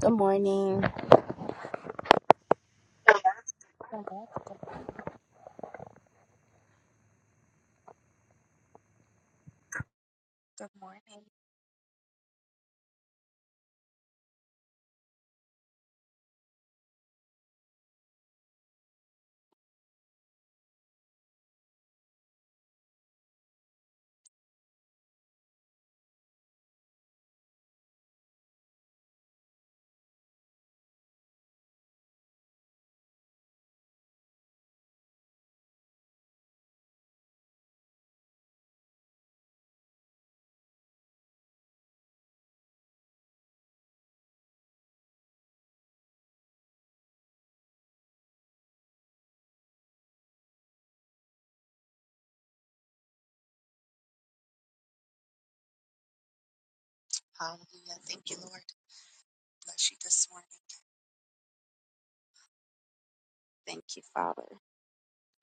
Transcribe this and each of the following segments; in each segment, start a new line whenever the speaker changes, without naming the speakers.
Good morning.
Amen. Good morning. Good morning. Hallelujah. Thank you, Lord. Bless you this morning. Thank you, Father.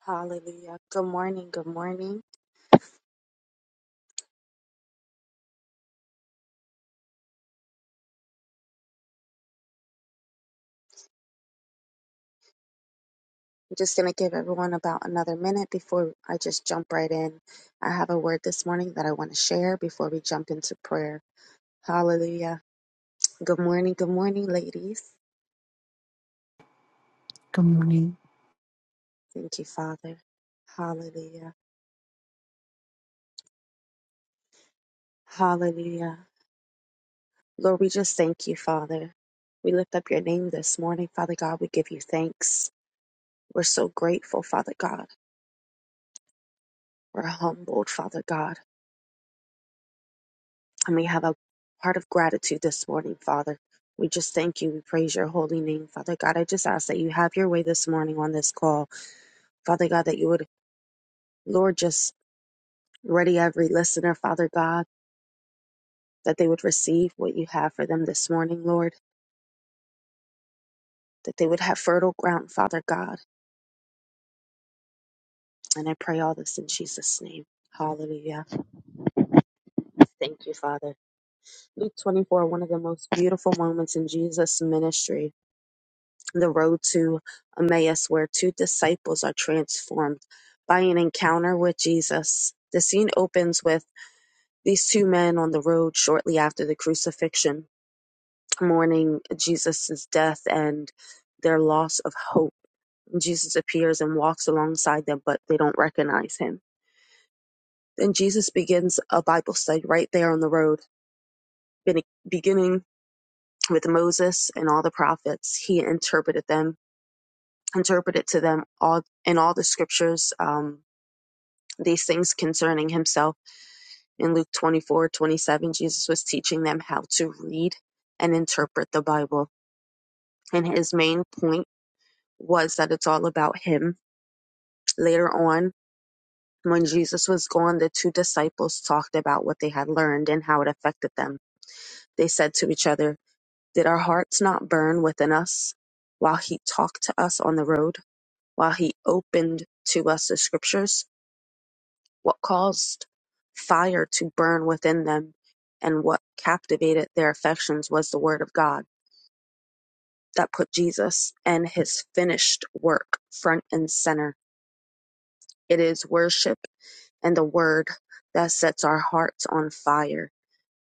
Hallelujah. Good morning. Good morning. I'm just going to give everyone about another minute before I just jump right in. I have a word this morning that I want to share before we jump into prayer. Hallelujah. Good morning. Good morning, ladies.
Good morning.
Thank you, Father. Hallelujah. Hallelujah. Lord, we just thank you, Father. We lift up your name this morning, Father God. We give you thanks. We're so grateful, Father God. We're humbled, Father God. And we have a heart of gratitude this morning, Father. We just thank you. We praise your holy name, Father God. I just ask that you have your way this morning on this call, Father God, that you would, Lord, just ready every listener, Father God, that they would receive what you have for them this morning, Lord, that they would have fertile ground, Father God. And I pray all this in Jesus' name. Hallelujah. Thank you, Father. Luke 24, one of the most beautiful moments in Jesus' ministry the road to Emmaus, where two disciples are transformed by an encounter with Jesus. The scene opens with these two men on the road shortly after the crucifixion, mourning Jesus' death and their loss of hope. Jesus appears and walks alongside them, but they don't recognize him. Then Jesus begins a Bible study right there on the road, bene- beginning with Moses and all the prophets. He interpreted them, interpreted to them all in all the scriptures. Um, these things concerning himself. In Luke 24 27, Jesus was teaching them how to read and interpret the Bible. And his main point was that it's all about him. Later on, when Jesus was gone, the two disciples talked about what they had learned and how it affected them. They said to each other, Did our hearts not burn within us while he talked to us on the road, while he opened to us the scriptures? what caused fire to burn within them and what captivated their affections was the Word of God that put Jesus and his finished work front and center. It is worship and the Word that sets our hearts on fire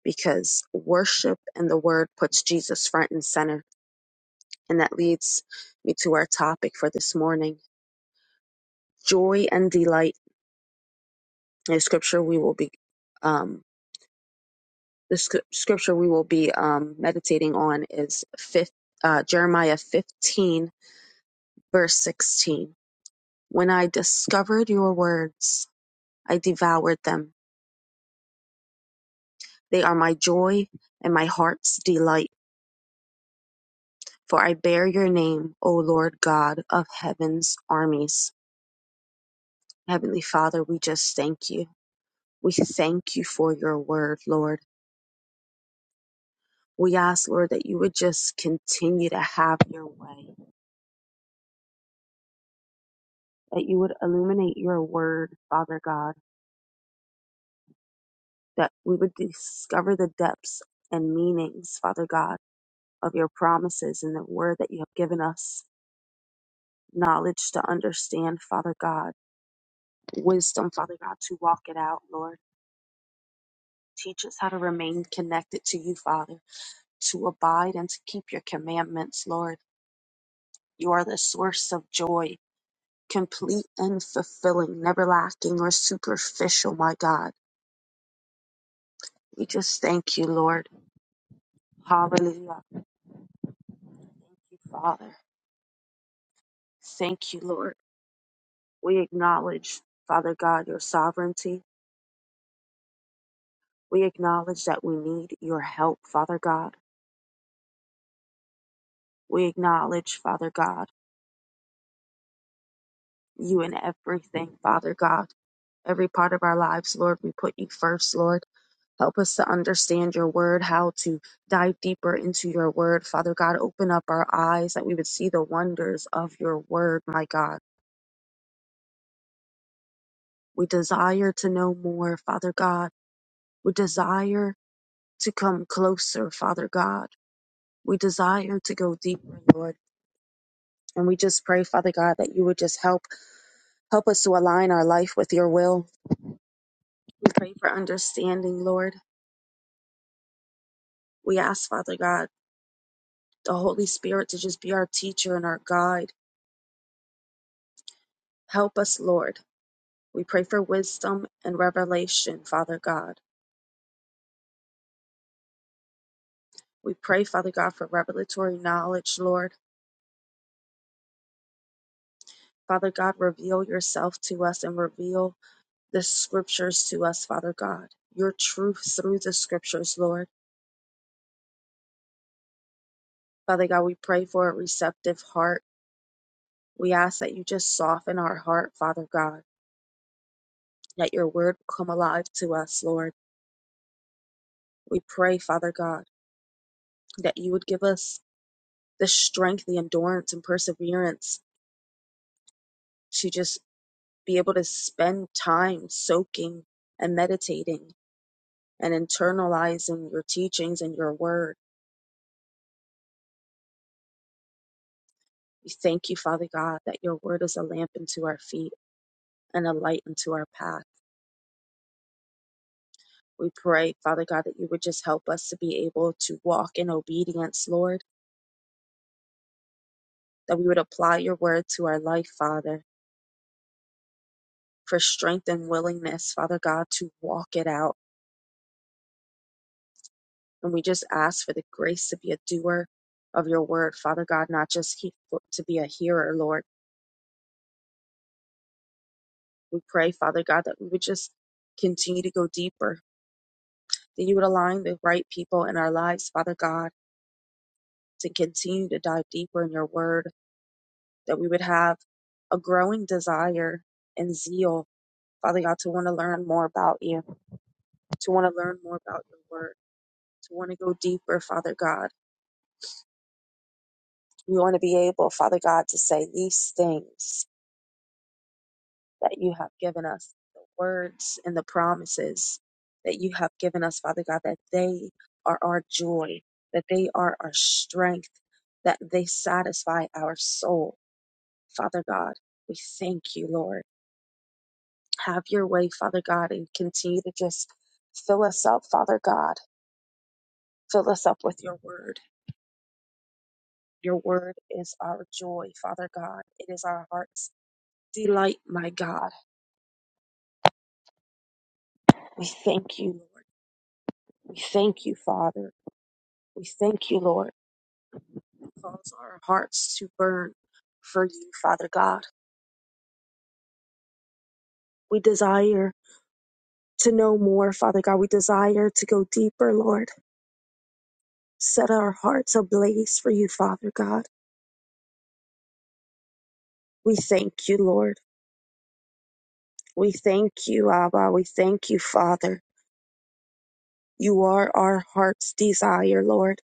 because worship and the Word puts Jesus front and center. And that leads me to our topic for this morning joy and delight. In scripture, we will be. um. The sc- scripture we will be um, meditating on is fifth, uh, Jeremiah 15, verse 16. When I discovered your words, I devoured them. They are my joy and my heart's delight, for I bear your name, O Lord God of heaven's armies. Heavenly Father, we just thank you. We thank you for your word, Lord. We ask, Lord, that you would just continue to have your way, that you would illuminate your word, Father God that we would discover the depths and meanings, Father God, of your promises and the word that you have given us. Knowledge to understand, Father God. Wisdom, Father God, to walk it out, Lord. Teach us how to remain connected to you, Father, to abide and to keep your commandments, Lord. You are the source of joy, complete and fulfilling, never lacking or superficial, my God. We just thank you, Lord. Hallelujah. Thank you, Father. Thank you, Lord. We acknowledge, Father God, your sovereignty. We acknowledge that we need your help, Father God. We acknowledge, Father God, you in everything, Father God. Every part of our lives, Lord, we put you first, Lord. Help us to understand your word, how to dive deeper into your word. Father God, open up our eyes that we would see the wonders of your word, my God. We desire to know more, Father God. We desire to come closer, Father God. We desire to go deeper, Lord. And we just pray, Father God, that you would just help help us to align our life with your will. We pray for understanding, Lord. We ask, Father God, the Holy Spirit to just be our teacher and our guide. Help us, Lord. We pray for wisdom and revelation, Father God. We pray, Father God, for revelatory knowledge, Lord. Father God, reveal yourself to us and reveal the scriptures to us, Father God. Your truth through the scriptures, Lord. Father God, we pray for a receptive heart. We ask that you just soften our heart, Father God, that your word will come alive to us, Lord. We pray, Father God, that you would give us the strength, the endurance, and perseverance to just be able to spend time soaking and meditating and internalizing your teachings and your word. We thank you, Father God, that your word is a lamp unto our feet and a light unto our path. We pray, Father God, that you would just help us to be able to walk in obedience, Lord, that we would apply your word to our life, Father, for strength and willingness, Father God, to walk it out. And we just ask for the grace to be a doer of your word, Father God, not just he- to be a hearer, Lord. We pray, Father God, that we would just continue to go deeper, that you would align the right people in our lives, Father God, to continue to dive deeper in your word, that we would have a growing desire and zeal Father God, to want to learn more about you, to want to learn more about your word, to want to go deeper, Father God. We want to be able, Father God, to say these things that you have given us, the words and the promises that you have given us, Father God, that they are our joy, that they are our strength, that they satisfy our soul, Father God. We thank you, Lord. Have your way, Father God, and continue to just fill us up, Father God. Fill us up with your word Your word is our joy, Father God. It is our heart's delight, my God. We thank you, Lord. We thank you, Father. We thank you, Lord. Cause our hearts to burn for you, Father God. We desire to know more, Father God. We desire to go deeper, Lord. Set our hearts ablaze for you, Father God. We thank you, Lord. We thank you, Abba. We thank you, Father. You are our heart's desire, Lord.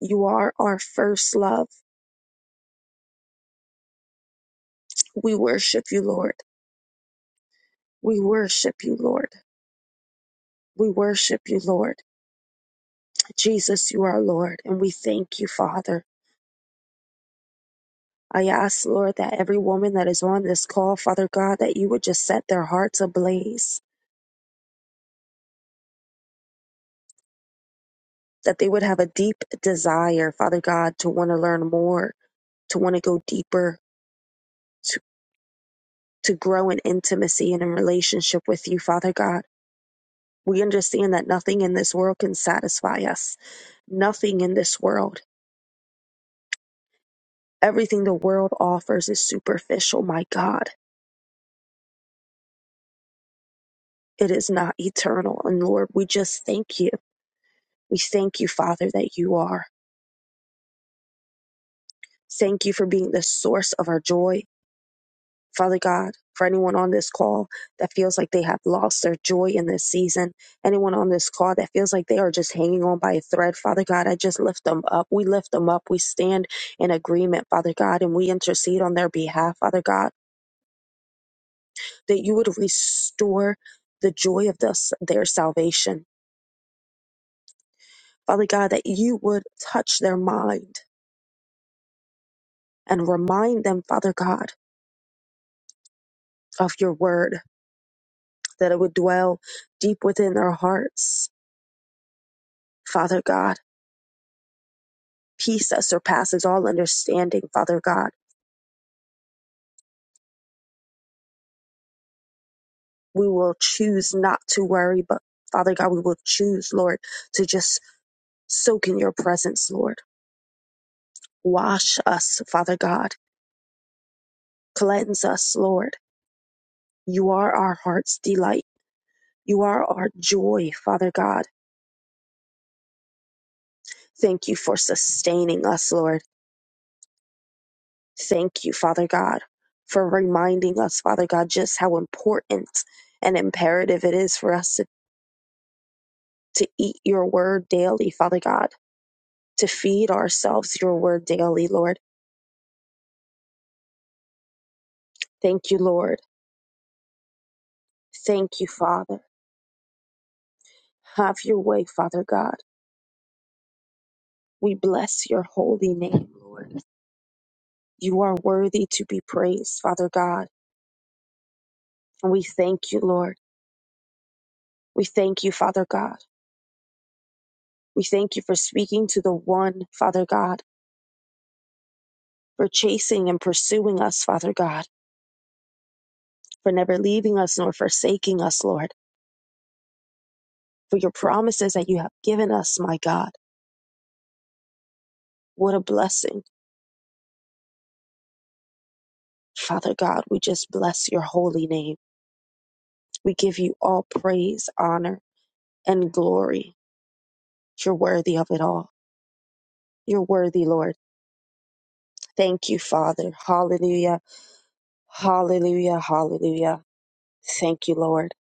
You are our first love. We worship you, Lord. We worship you, Lord. We worship you, Lord. Jesus, you are Lord, and we thank you, Father. I ask, Lord, that every woman that is on this call, Father God, that you would just set their hearts ablaze, that they would have a deep desire, Father God, to want to learn more, to want to go deeper, to, to grow in intimacy and in relationship with you, Father God. We understand that nothing in this world can satisfy us, nothing in this world. Everything the world offers is superficial, my God. It is not eternal. And Lord, we just thank you. We thank you, Father, that you are. Thank you for being the source of our joy. Father God, for anyone on this call that feels like they have lost their joy in this season, anyone on this call that feels like they are just hanging on by a thread, Father God, I just lift them up. We lift them up. We stand in agreement, Father God, and we intercede on their behalf, Father God, that you would restore the joy of this, their salvation Father God, that you would touch their mind and remind them, Father God, of your word, that it would dwell deep within their hearts, Father God. Peace that surpasses all understanding, Father God. We will choose not to worry, but Father God, we will choose, Lord, to just soak in your presence, Lord. Wash us, Father God. Cleanse us, Lord. You are our heart's delight. You are our joy, Father God. Thank you for sustaining us, Lord. Thank you, Father God, for reminding us, Father God, just how important and imperative it is for us to, to eat your word daily, Father God, to feed ourselves your word daily, Lord. Thank you, Lord. Thank you, Father. Have your way, Father God. We bless your holy name, Lord. You are worthy to be praised, Father God. And we thank you, Lord. We thank you, Father God. We thank you for speaking to the one, Father God, for chasing and pursuing us, Father God. for never leaving us nor forsaking us, Lord, for your promises that you have given us, my God. What a blessing. Father God, we just bless your holy name. We give you all praise, honor, and glory. You're worthy of it all. You're worthy, Lord. Thank you, Father. Hallelujah. Hallelujah. Hallelujah. Thank you, Lord.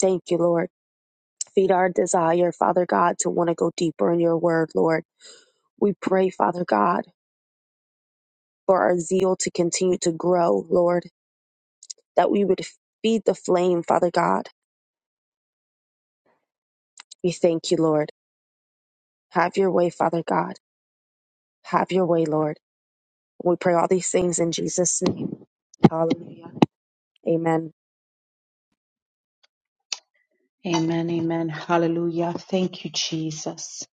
Thank you, Lord. Feed our desire, Father God, to want to go deeper in your word, Lord. We pray, Father God, for our zeal to continue to grow, Lord that we would feed the flame, Father God. We thank you, Lord. Have your way, Father God. Have your way, Lord. We pray all these things in Jesus' name. Hallelujah. Amen.
Amen, amen. Hallelujah. Thank you, Jesus.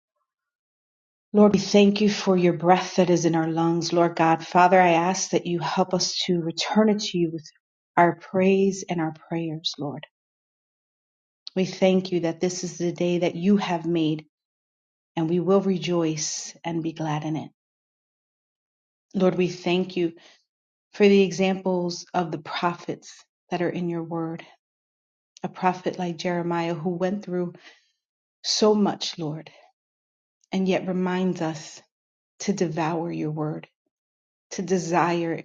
Lord, we thank you for your breath that is in our lungs. Lord God, Father, I ask that you help us to return it to you with our praise and our prayers, Lord. We thank you that this is the day that you have made and we will rejoice and be glad in it. Lord, we thank you for the examples of the prophets that are in your word. A prophet like Jeremiah who went through so much, Lord, and yet reminds us to devour your word, to desire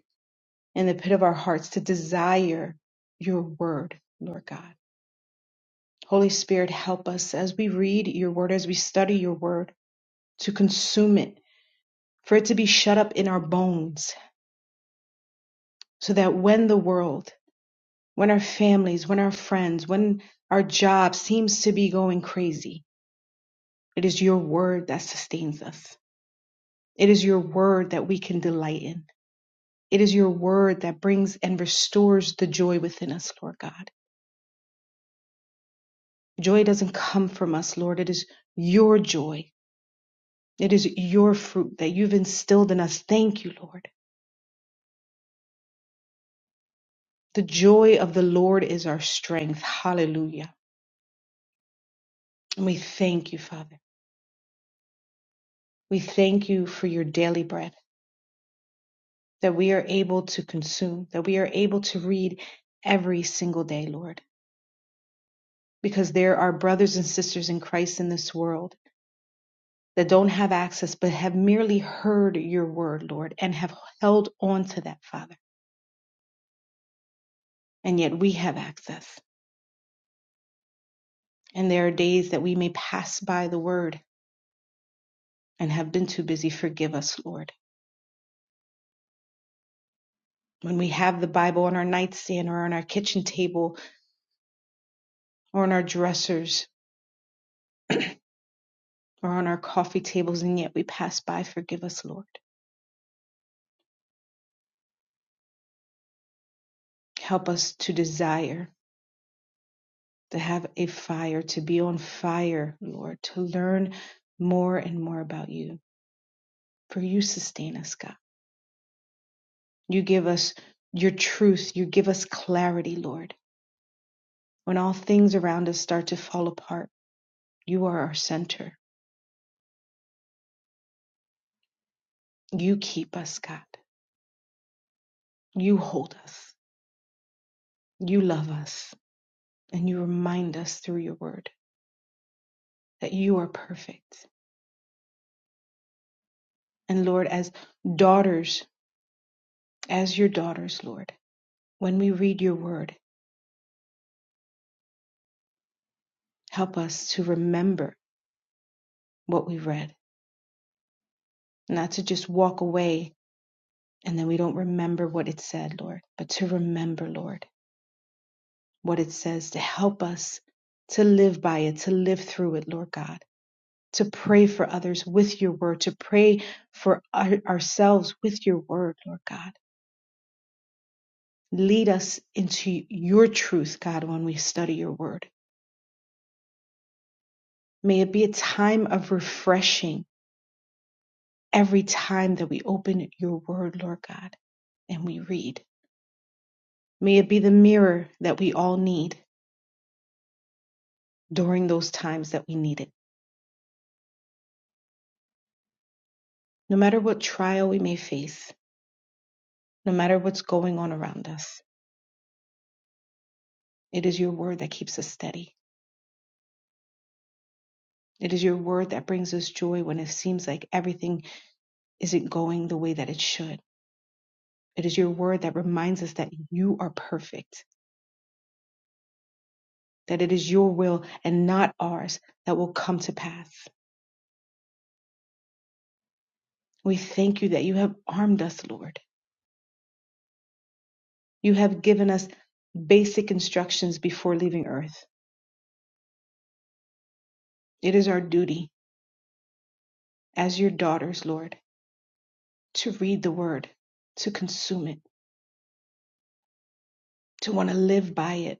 in the pit of our hearts, to desire your word, Lord God. Holy Spirit, help us as we read your word, as we study your word, to consume it, for it to be shut up in our bones, so that when the world, when our families, when our friends, when our job seems to be going crazy, it is your word that sustains us. It is your word that we can delight in. It is your word that brings and restores the joy within us, Lord God. Joy doesn't come from us, Lord. It is your joy. It is your fruit that you've instilled in us. Thank you, Lord. The joy of the Lord is our strength. Hallelujah. And we thank you, Father. We thank you for your daily bread that we are able to consume, that we are able to read every single day, Lord, because there are brothers and sisters in Christ in this world that don't have access but have merely heard your word, Lord, and have held on to that, Father. And yet we have access. And there are days that we may pass by the word and have been too busy. Forgive us, Lord. When we have the Bible on our nightstand or on our kitchen table or on our dressers or on our coffee tables and yet we pass by, forgive us, Lord. Help us to desire, to have a fire, to be on fire, Lord, to learn more and more about you. For you sustain us, God. You give us your truth. You give us clarity, Lord. When all things around us start to fall apart, you are our center. You keep us, God. You hold us. You love us. And you remind us through your word that you are perfect. And Lord, as daughters, as your daughters, Lord, when we read your word, help us to remember what we read, not to just walk away and then we don't remember what it said, Lord, but to remember, Lord, what it says to help us to live by it, to live through it, Lord God to pray for others with your word, to pray for our- ourselves with your word, Lord God. Lead us into your truth, God, when we study your word. May it be a time of refreshing every time that we open your word, Lord God, and we read. May it be the mirror that we all need during those times that we need it. No matter what trial we may face, no matter what's going on around us, it is your word that keeps us steady. It is your word that brings us joy when it seems like everything isn't going the way that it should. It is your word that reminds us that you are perfect, that it is your will and not ours that will come to pass. We thank you that you have armed us, Lord. You have given us basic instructions before leaving earth. It is our duty as your daughters, Lord, to read the word, to consume it, to want to live by it,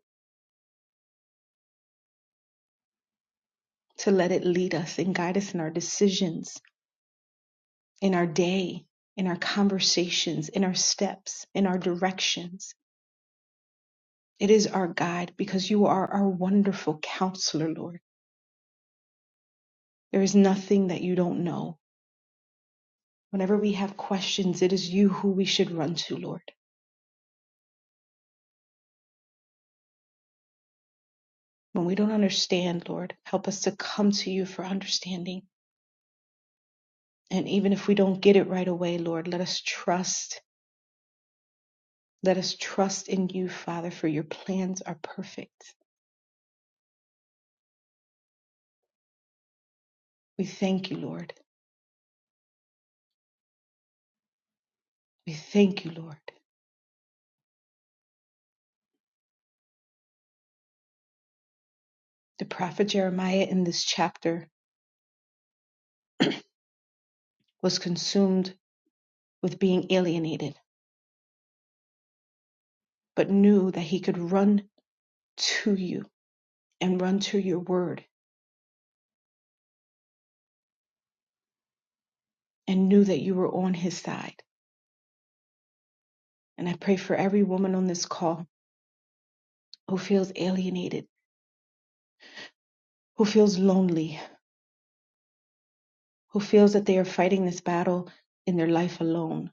to let it lead us and guide us in our decisions in our day, in our conversations, in our steps, in our directions. It is our guide because you are our wonderful counselor, Lord. There is nothing that you don't know. Whenever we have questions, it is you who we should run to, Lord. When we don't understand, Lord, help us to come to you for understanding. And even if we don't get it right away, Lord, let us trust. Let us trust in you, Father, for your plans are perfect. We thank you, Lord. We thank you, Lord. The prophet Jeremiah in this chapter was consumed with being alienated, but knew that he could run to you and run to your word and knew that you were on his side. And I pray for every woman on this call who feels alienated, who feels lonely, who feels that they are fighting this battle in their life alone,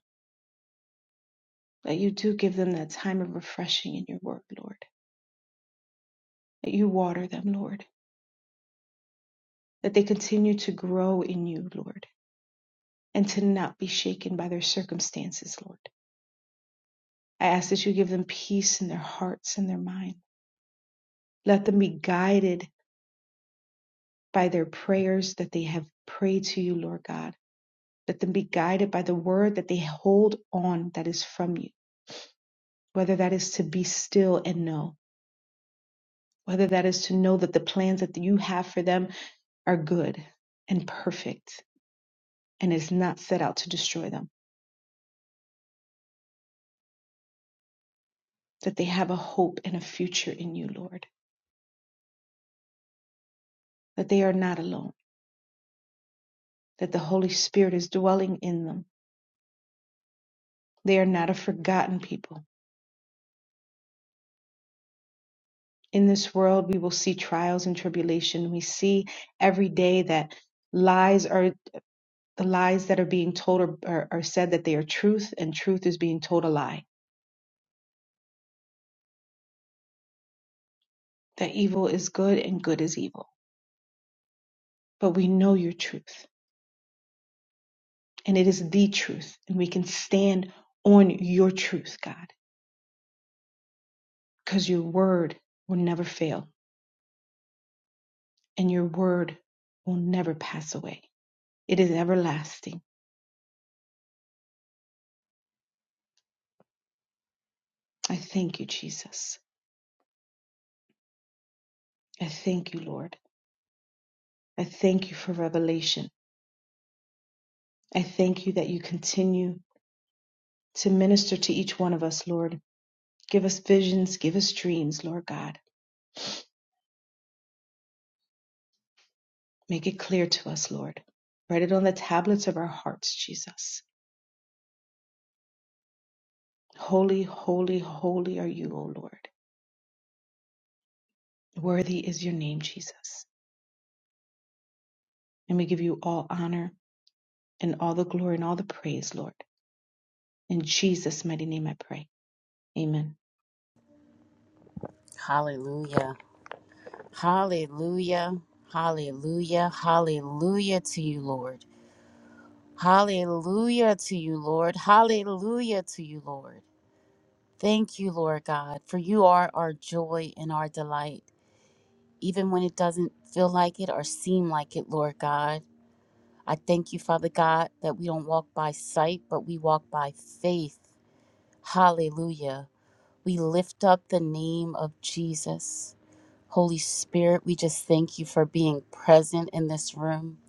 that you do give them that time of refreshing in your word, Lord, that you water them, Lord, that they continue to grow in you, Lord and to not be shaken by their circumstances, Lord. I ask that you give them peace in their hearts and their mind. Let them be guided by their prayers that they have prayed to you, Lord God. Let them be guided by the word that they hold on that is from you, whether that is to be still and know, whether that is to know that the plans that you have for them are good and perfect and is not set out to destroy them, that they have a hope and a future in you, Lord, that they are not alone that the Holy Spirit is dwelling in them. They are not a forgotten people. In this world, we will see trials and tribulation. We see every day that lies are the lies that are being told are, are, are said that they are truth, and truth is being told a lie. That evil is good and good is evil. But we know your truth, and it is the truth, and we can stand on your truth, God, because your word will never fail, and your word will never pass away. It is everlasting I thank you, Jesus. I thank you, Lord. I thank you for revelation. I thank you that you continue to minister to each one of us, Lord. Give us visions, give us dreams, Lord God. Make it clear to us, Lord. Write it on the tablets of our hearts, Jesus. Holy, holy, holy are you, O Lord. Worthy is your name, Jesus. And we give you all honor and all the glory and all the praise, Lord. In Jesus' mighty name I pray. Amen.
Hallelujah. Hallelujah. Hallelujah. Hallelujah to you, Lord. Hallelujah to you, Lord. Hallelujah to you, Lord. Thank you, Lord God, for you are our joy and our delight, even when it doesn't feel like it or seem like it, Lord God. I thank you, Father God, that we don't walk by sight, but we walk by faith. Hallelujah. We lift up the name of Jesus. Holy Spirit, we just thank you for being present in this room,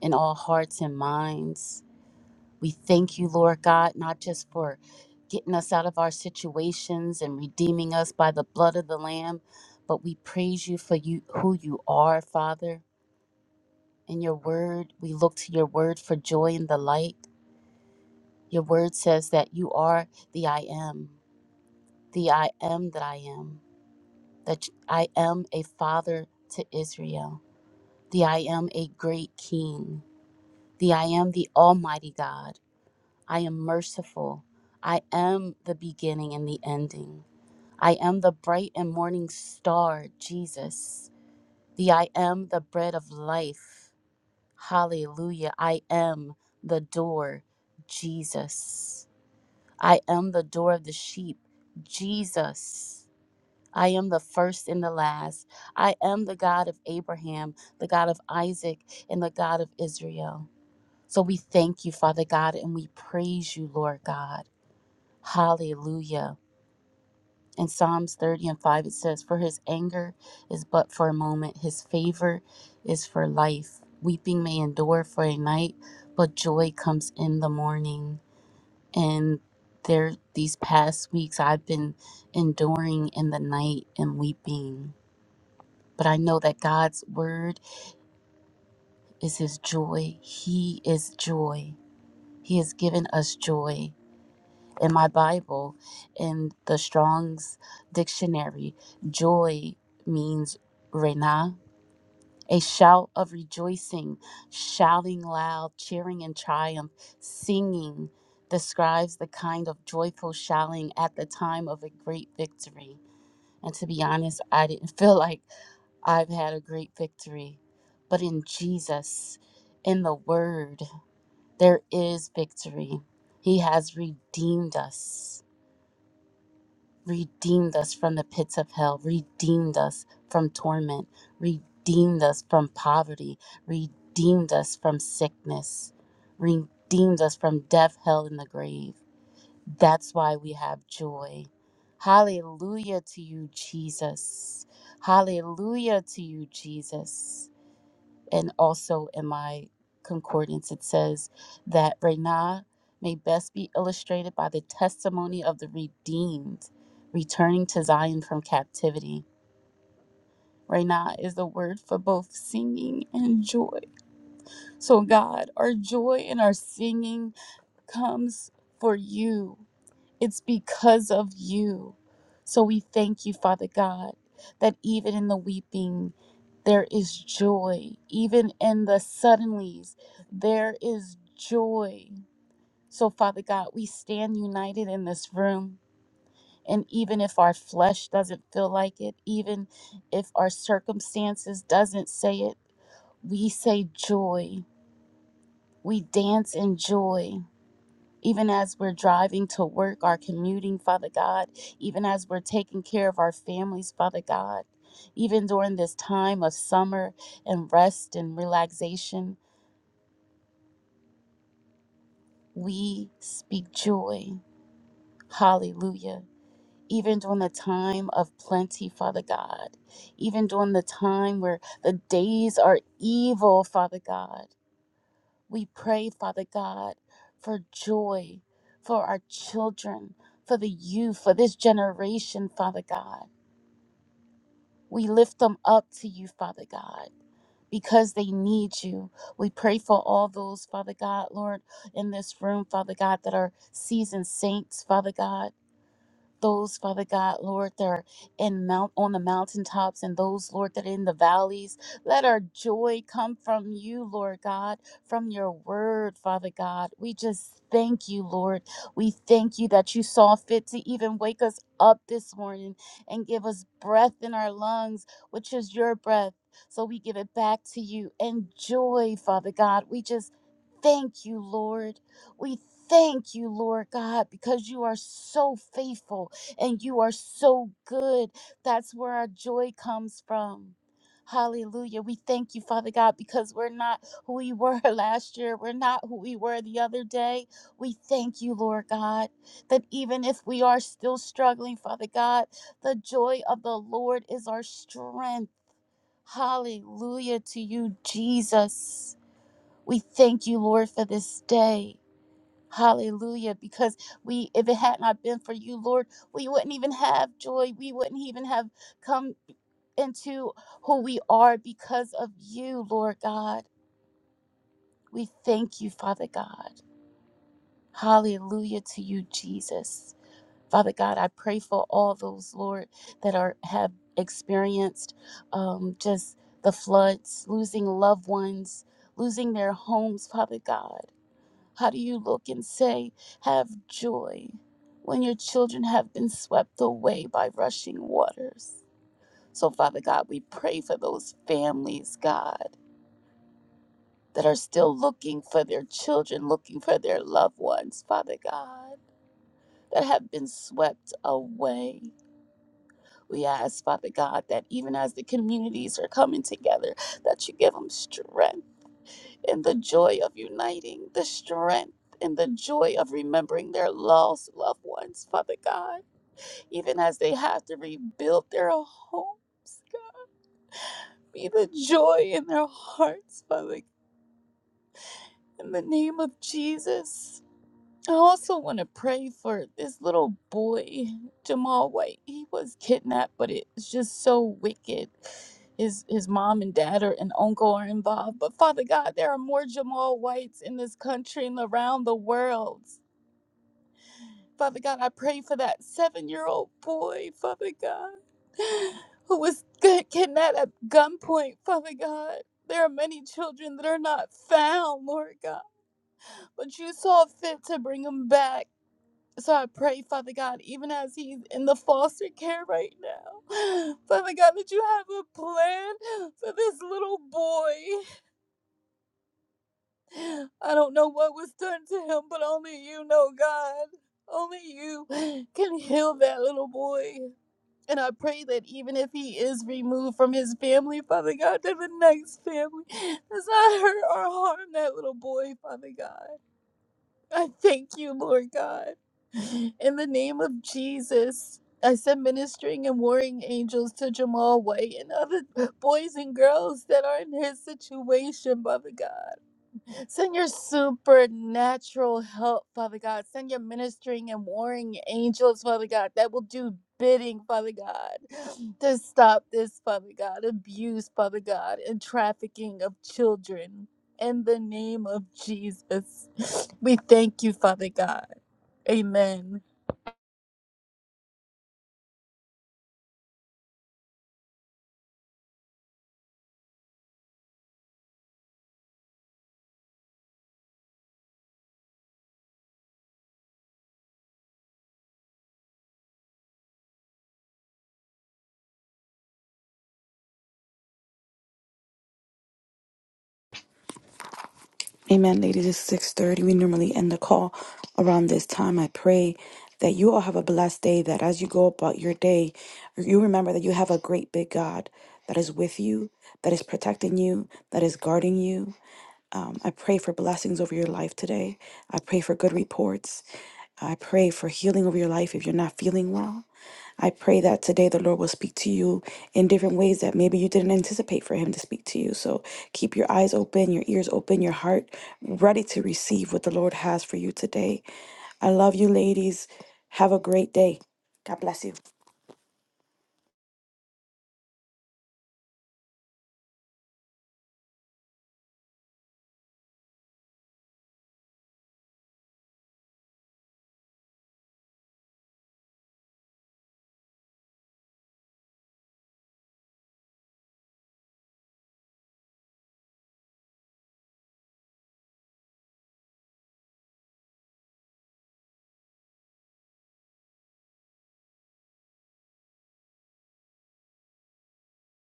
in all hearts and minds. We thank you, Lord God, not just for getting us out of our situations and redeeming us by the blood of the Lamb, but we praise you for you who you are, Father. In your word, we look to your word for joy and the light. Your word says that you are the I am, the I am that I am. that I am a father to Israel, the I am a great king, the I am the Almighty God, I am merciful, I am the beginning and the ending, I am the bright and morning star, Jesus, the I am the bread of life, hallelujah, I am the door, Jesus, I am the door of the sheep, Jesus. I am the first and the last. I am the God of Abraham, the God of Isaac, and the God of Israel. So we thank you, Father God, and we praise you, Lord God. Hallelujah. In Psalms 30 and 5, it says, For his anger is but for a moment, his favor is for life. Weeping may endure for a night, but joy comes in the morning. And there, these past weeks, I've been enduring in the night and weeping But I know that God's word is his joy. He is joy. He has given us joy. In my Bible, in the Strong's dictionary, joy means renah, a shout of rejoicing, shouting loud, cheering in triumph, singing describes the kind of joyful shouting at the time of a great victory. And to be honest, I didn't feel like I've had a great victory. But in Jesus, in the Word, there is victory. He has redeemed us, redeemed us from the pits of hell, redeemed us from torment, redeemed us from poverty, redeemed us from sickness, redeemed us from death, hell, and the grave. That's why we have joy. Hallelujah to you, Jesus. Hallelujah to you, Jesus. And also in my concordance, it says that Rena may best be illustrated by the testimony of the redeemed returning to Zion from captivity. Rena is the word for both singing and joy. So, God, our joy and our singing comes for you. It's because of you. So we thank you, Father God, that even in the weeping, there is joy. Even in the suddenlies, there is joy. So, Father God, we stand united in this room. And even if our flesh doesn't feel like it, even if our circumstances doesn't say it, we say joy. We dance in joy even as we're driving to work, our commuting, Father God, even as we're taking care of our families, Father God, even during this time of summer and rest and relaxation, we speak joy. Hallelujah. Even during the time of plenty, Father God, even during the time where the days are evil, Father God. We pray, Father God, for joy for our children, for the youth, for this generation, Father God. We lift them up to you, Father God because they need you. We pray for all those, Father God, Lord, in this room, Father God, that are seasoned saints, Father God those, Father God, Lord, that are in mount on the mountaintops and those, Lord, that are in the valleys. Let our joy come from you, Lord God, from your word, Father God. We just thank you, Lord. We thank you that you saw fit to even wake us up this morning and give us breath in our lungs, which is your breath. So we give it back to you. And joy, Father God. We just thank you, Lord. We thank you, Lord God, because you are so faithful and you are so good. That's where our joy comes from. Hallelujah. We thank you, Father God, because we're not who we were last year. We're not who we were the other day. We thank you, Lord God, that even if we are still struggling, Father God, the joy of the Lord is our strength. Hallelujah to you, Jesus. We thank you, Lord, for this day. Hallelujah. Because we, if it had not been for you, Lord, we wouldn't even have joy. We wouldn't even have come into who we are because of you, Lord God. We thank you, Father God. Hallelujah to you, Jesus. Father God, I pray for all those, Lord, that are have experienced um, just the floods, losing loved ones, losing their homes, Father God. How do you look and say, Have joy, when your children have been swept away by rushing waters? So, Father God, we pray for those families, God, that are still looking for their children, looking for their loved ones, Father God, that have been swept away. We ask, Father God, that even as the communities are coming together, that you give them strength and the joy of uniting, the strength and the joy of remembering their lost loved ones, Father God, even as they have to rebuild their homes. God, be the joy in their hearts, Father. In the name of Jesus. I also want to pray for this little boy, Jamal White. He was kidnapped, but it's just so wicked. His his mom and dad are and uncle are involved. But Father God, there are more Jamal Whites in this country and around the world. Father God, I pray for that seven-year-old boy, Father God, who was ki- kidnapped at gunpoint, Father God. There are many children that are not found, Lord God, but you saw fit to bring them back. So I pray, Father God, even as he's in the foster care right now, Father God, that you have a plan for this little boy. I don't know what was done to him, but only you know, God. Only you can heal that little boy. And I pray that even if he is removed from his family, Father God, to the next family, does not hurt or harm that little boy, Father God. I thank you, Lord God. In the name of Jesus, I send ministering and warring angels to Jamal White and other boys and girls that are in his situation, Father God. Send your supernatural help, Father God. Send your ministering and warring angels, Father God, that will do bidding, Father God, to stop this, Father God, abuse, Father God, and trafficking of children. In the name of Jesus, we thank you, Father God. Amen.
Amen, ladies. It's six thirty. We normally end the call around this time. I pray that you all have a blessed day. That as you go about your day, you remember that you have a great big God that is with you, that is protecting you, that is guarding you. Um, I pray for blessings over your life today. I pray for good reports. I pray for healing over your life if you're not feeling well. I pray that today the Lord will speak to you in different ways that maybe you didn't anticipate for Him to speak to you. So keep your eyes open, your ears open, your heart ready to receive what the Lord has for you today. I love you, ladies. Have a great day. God bless you.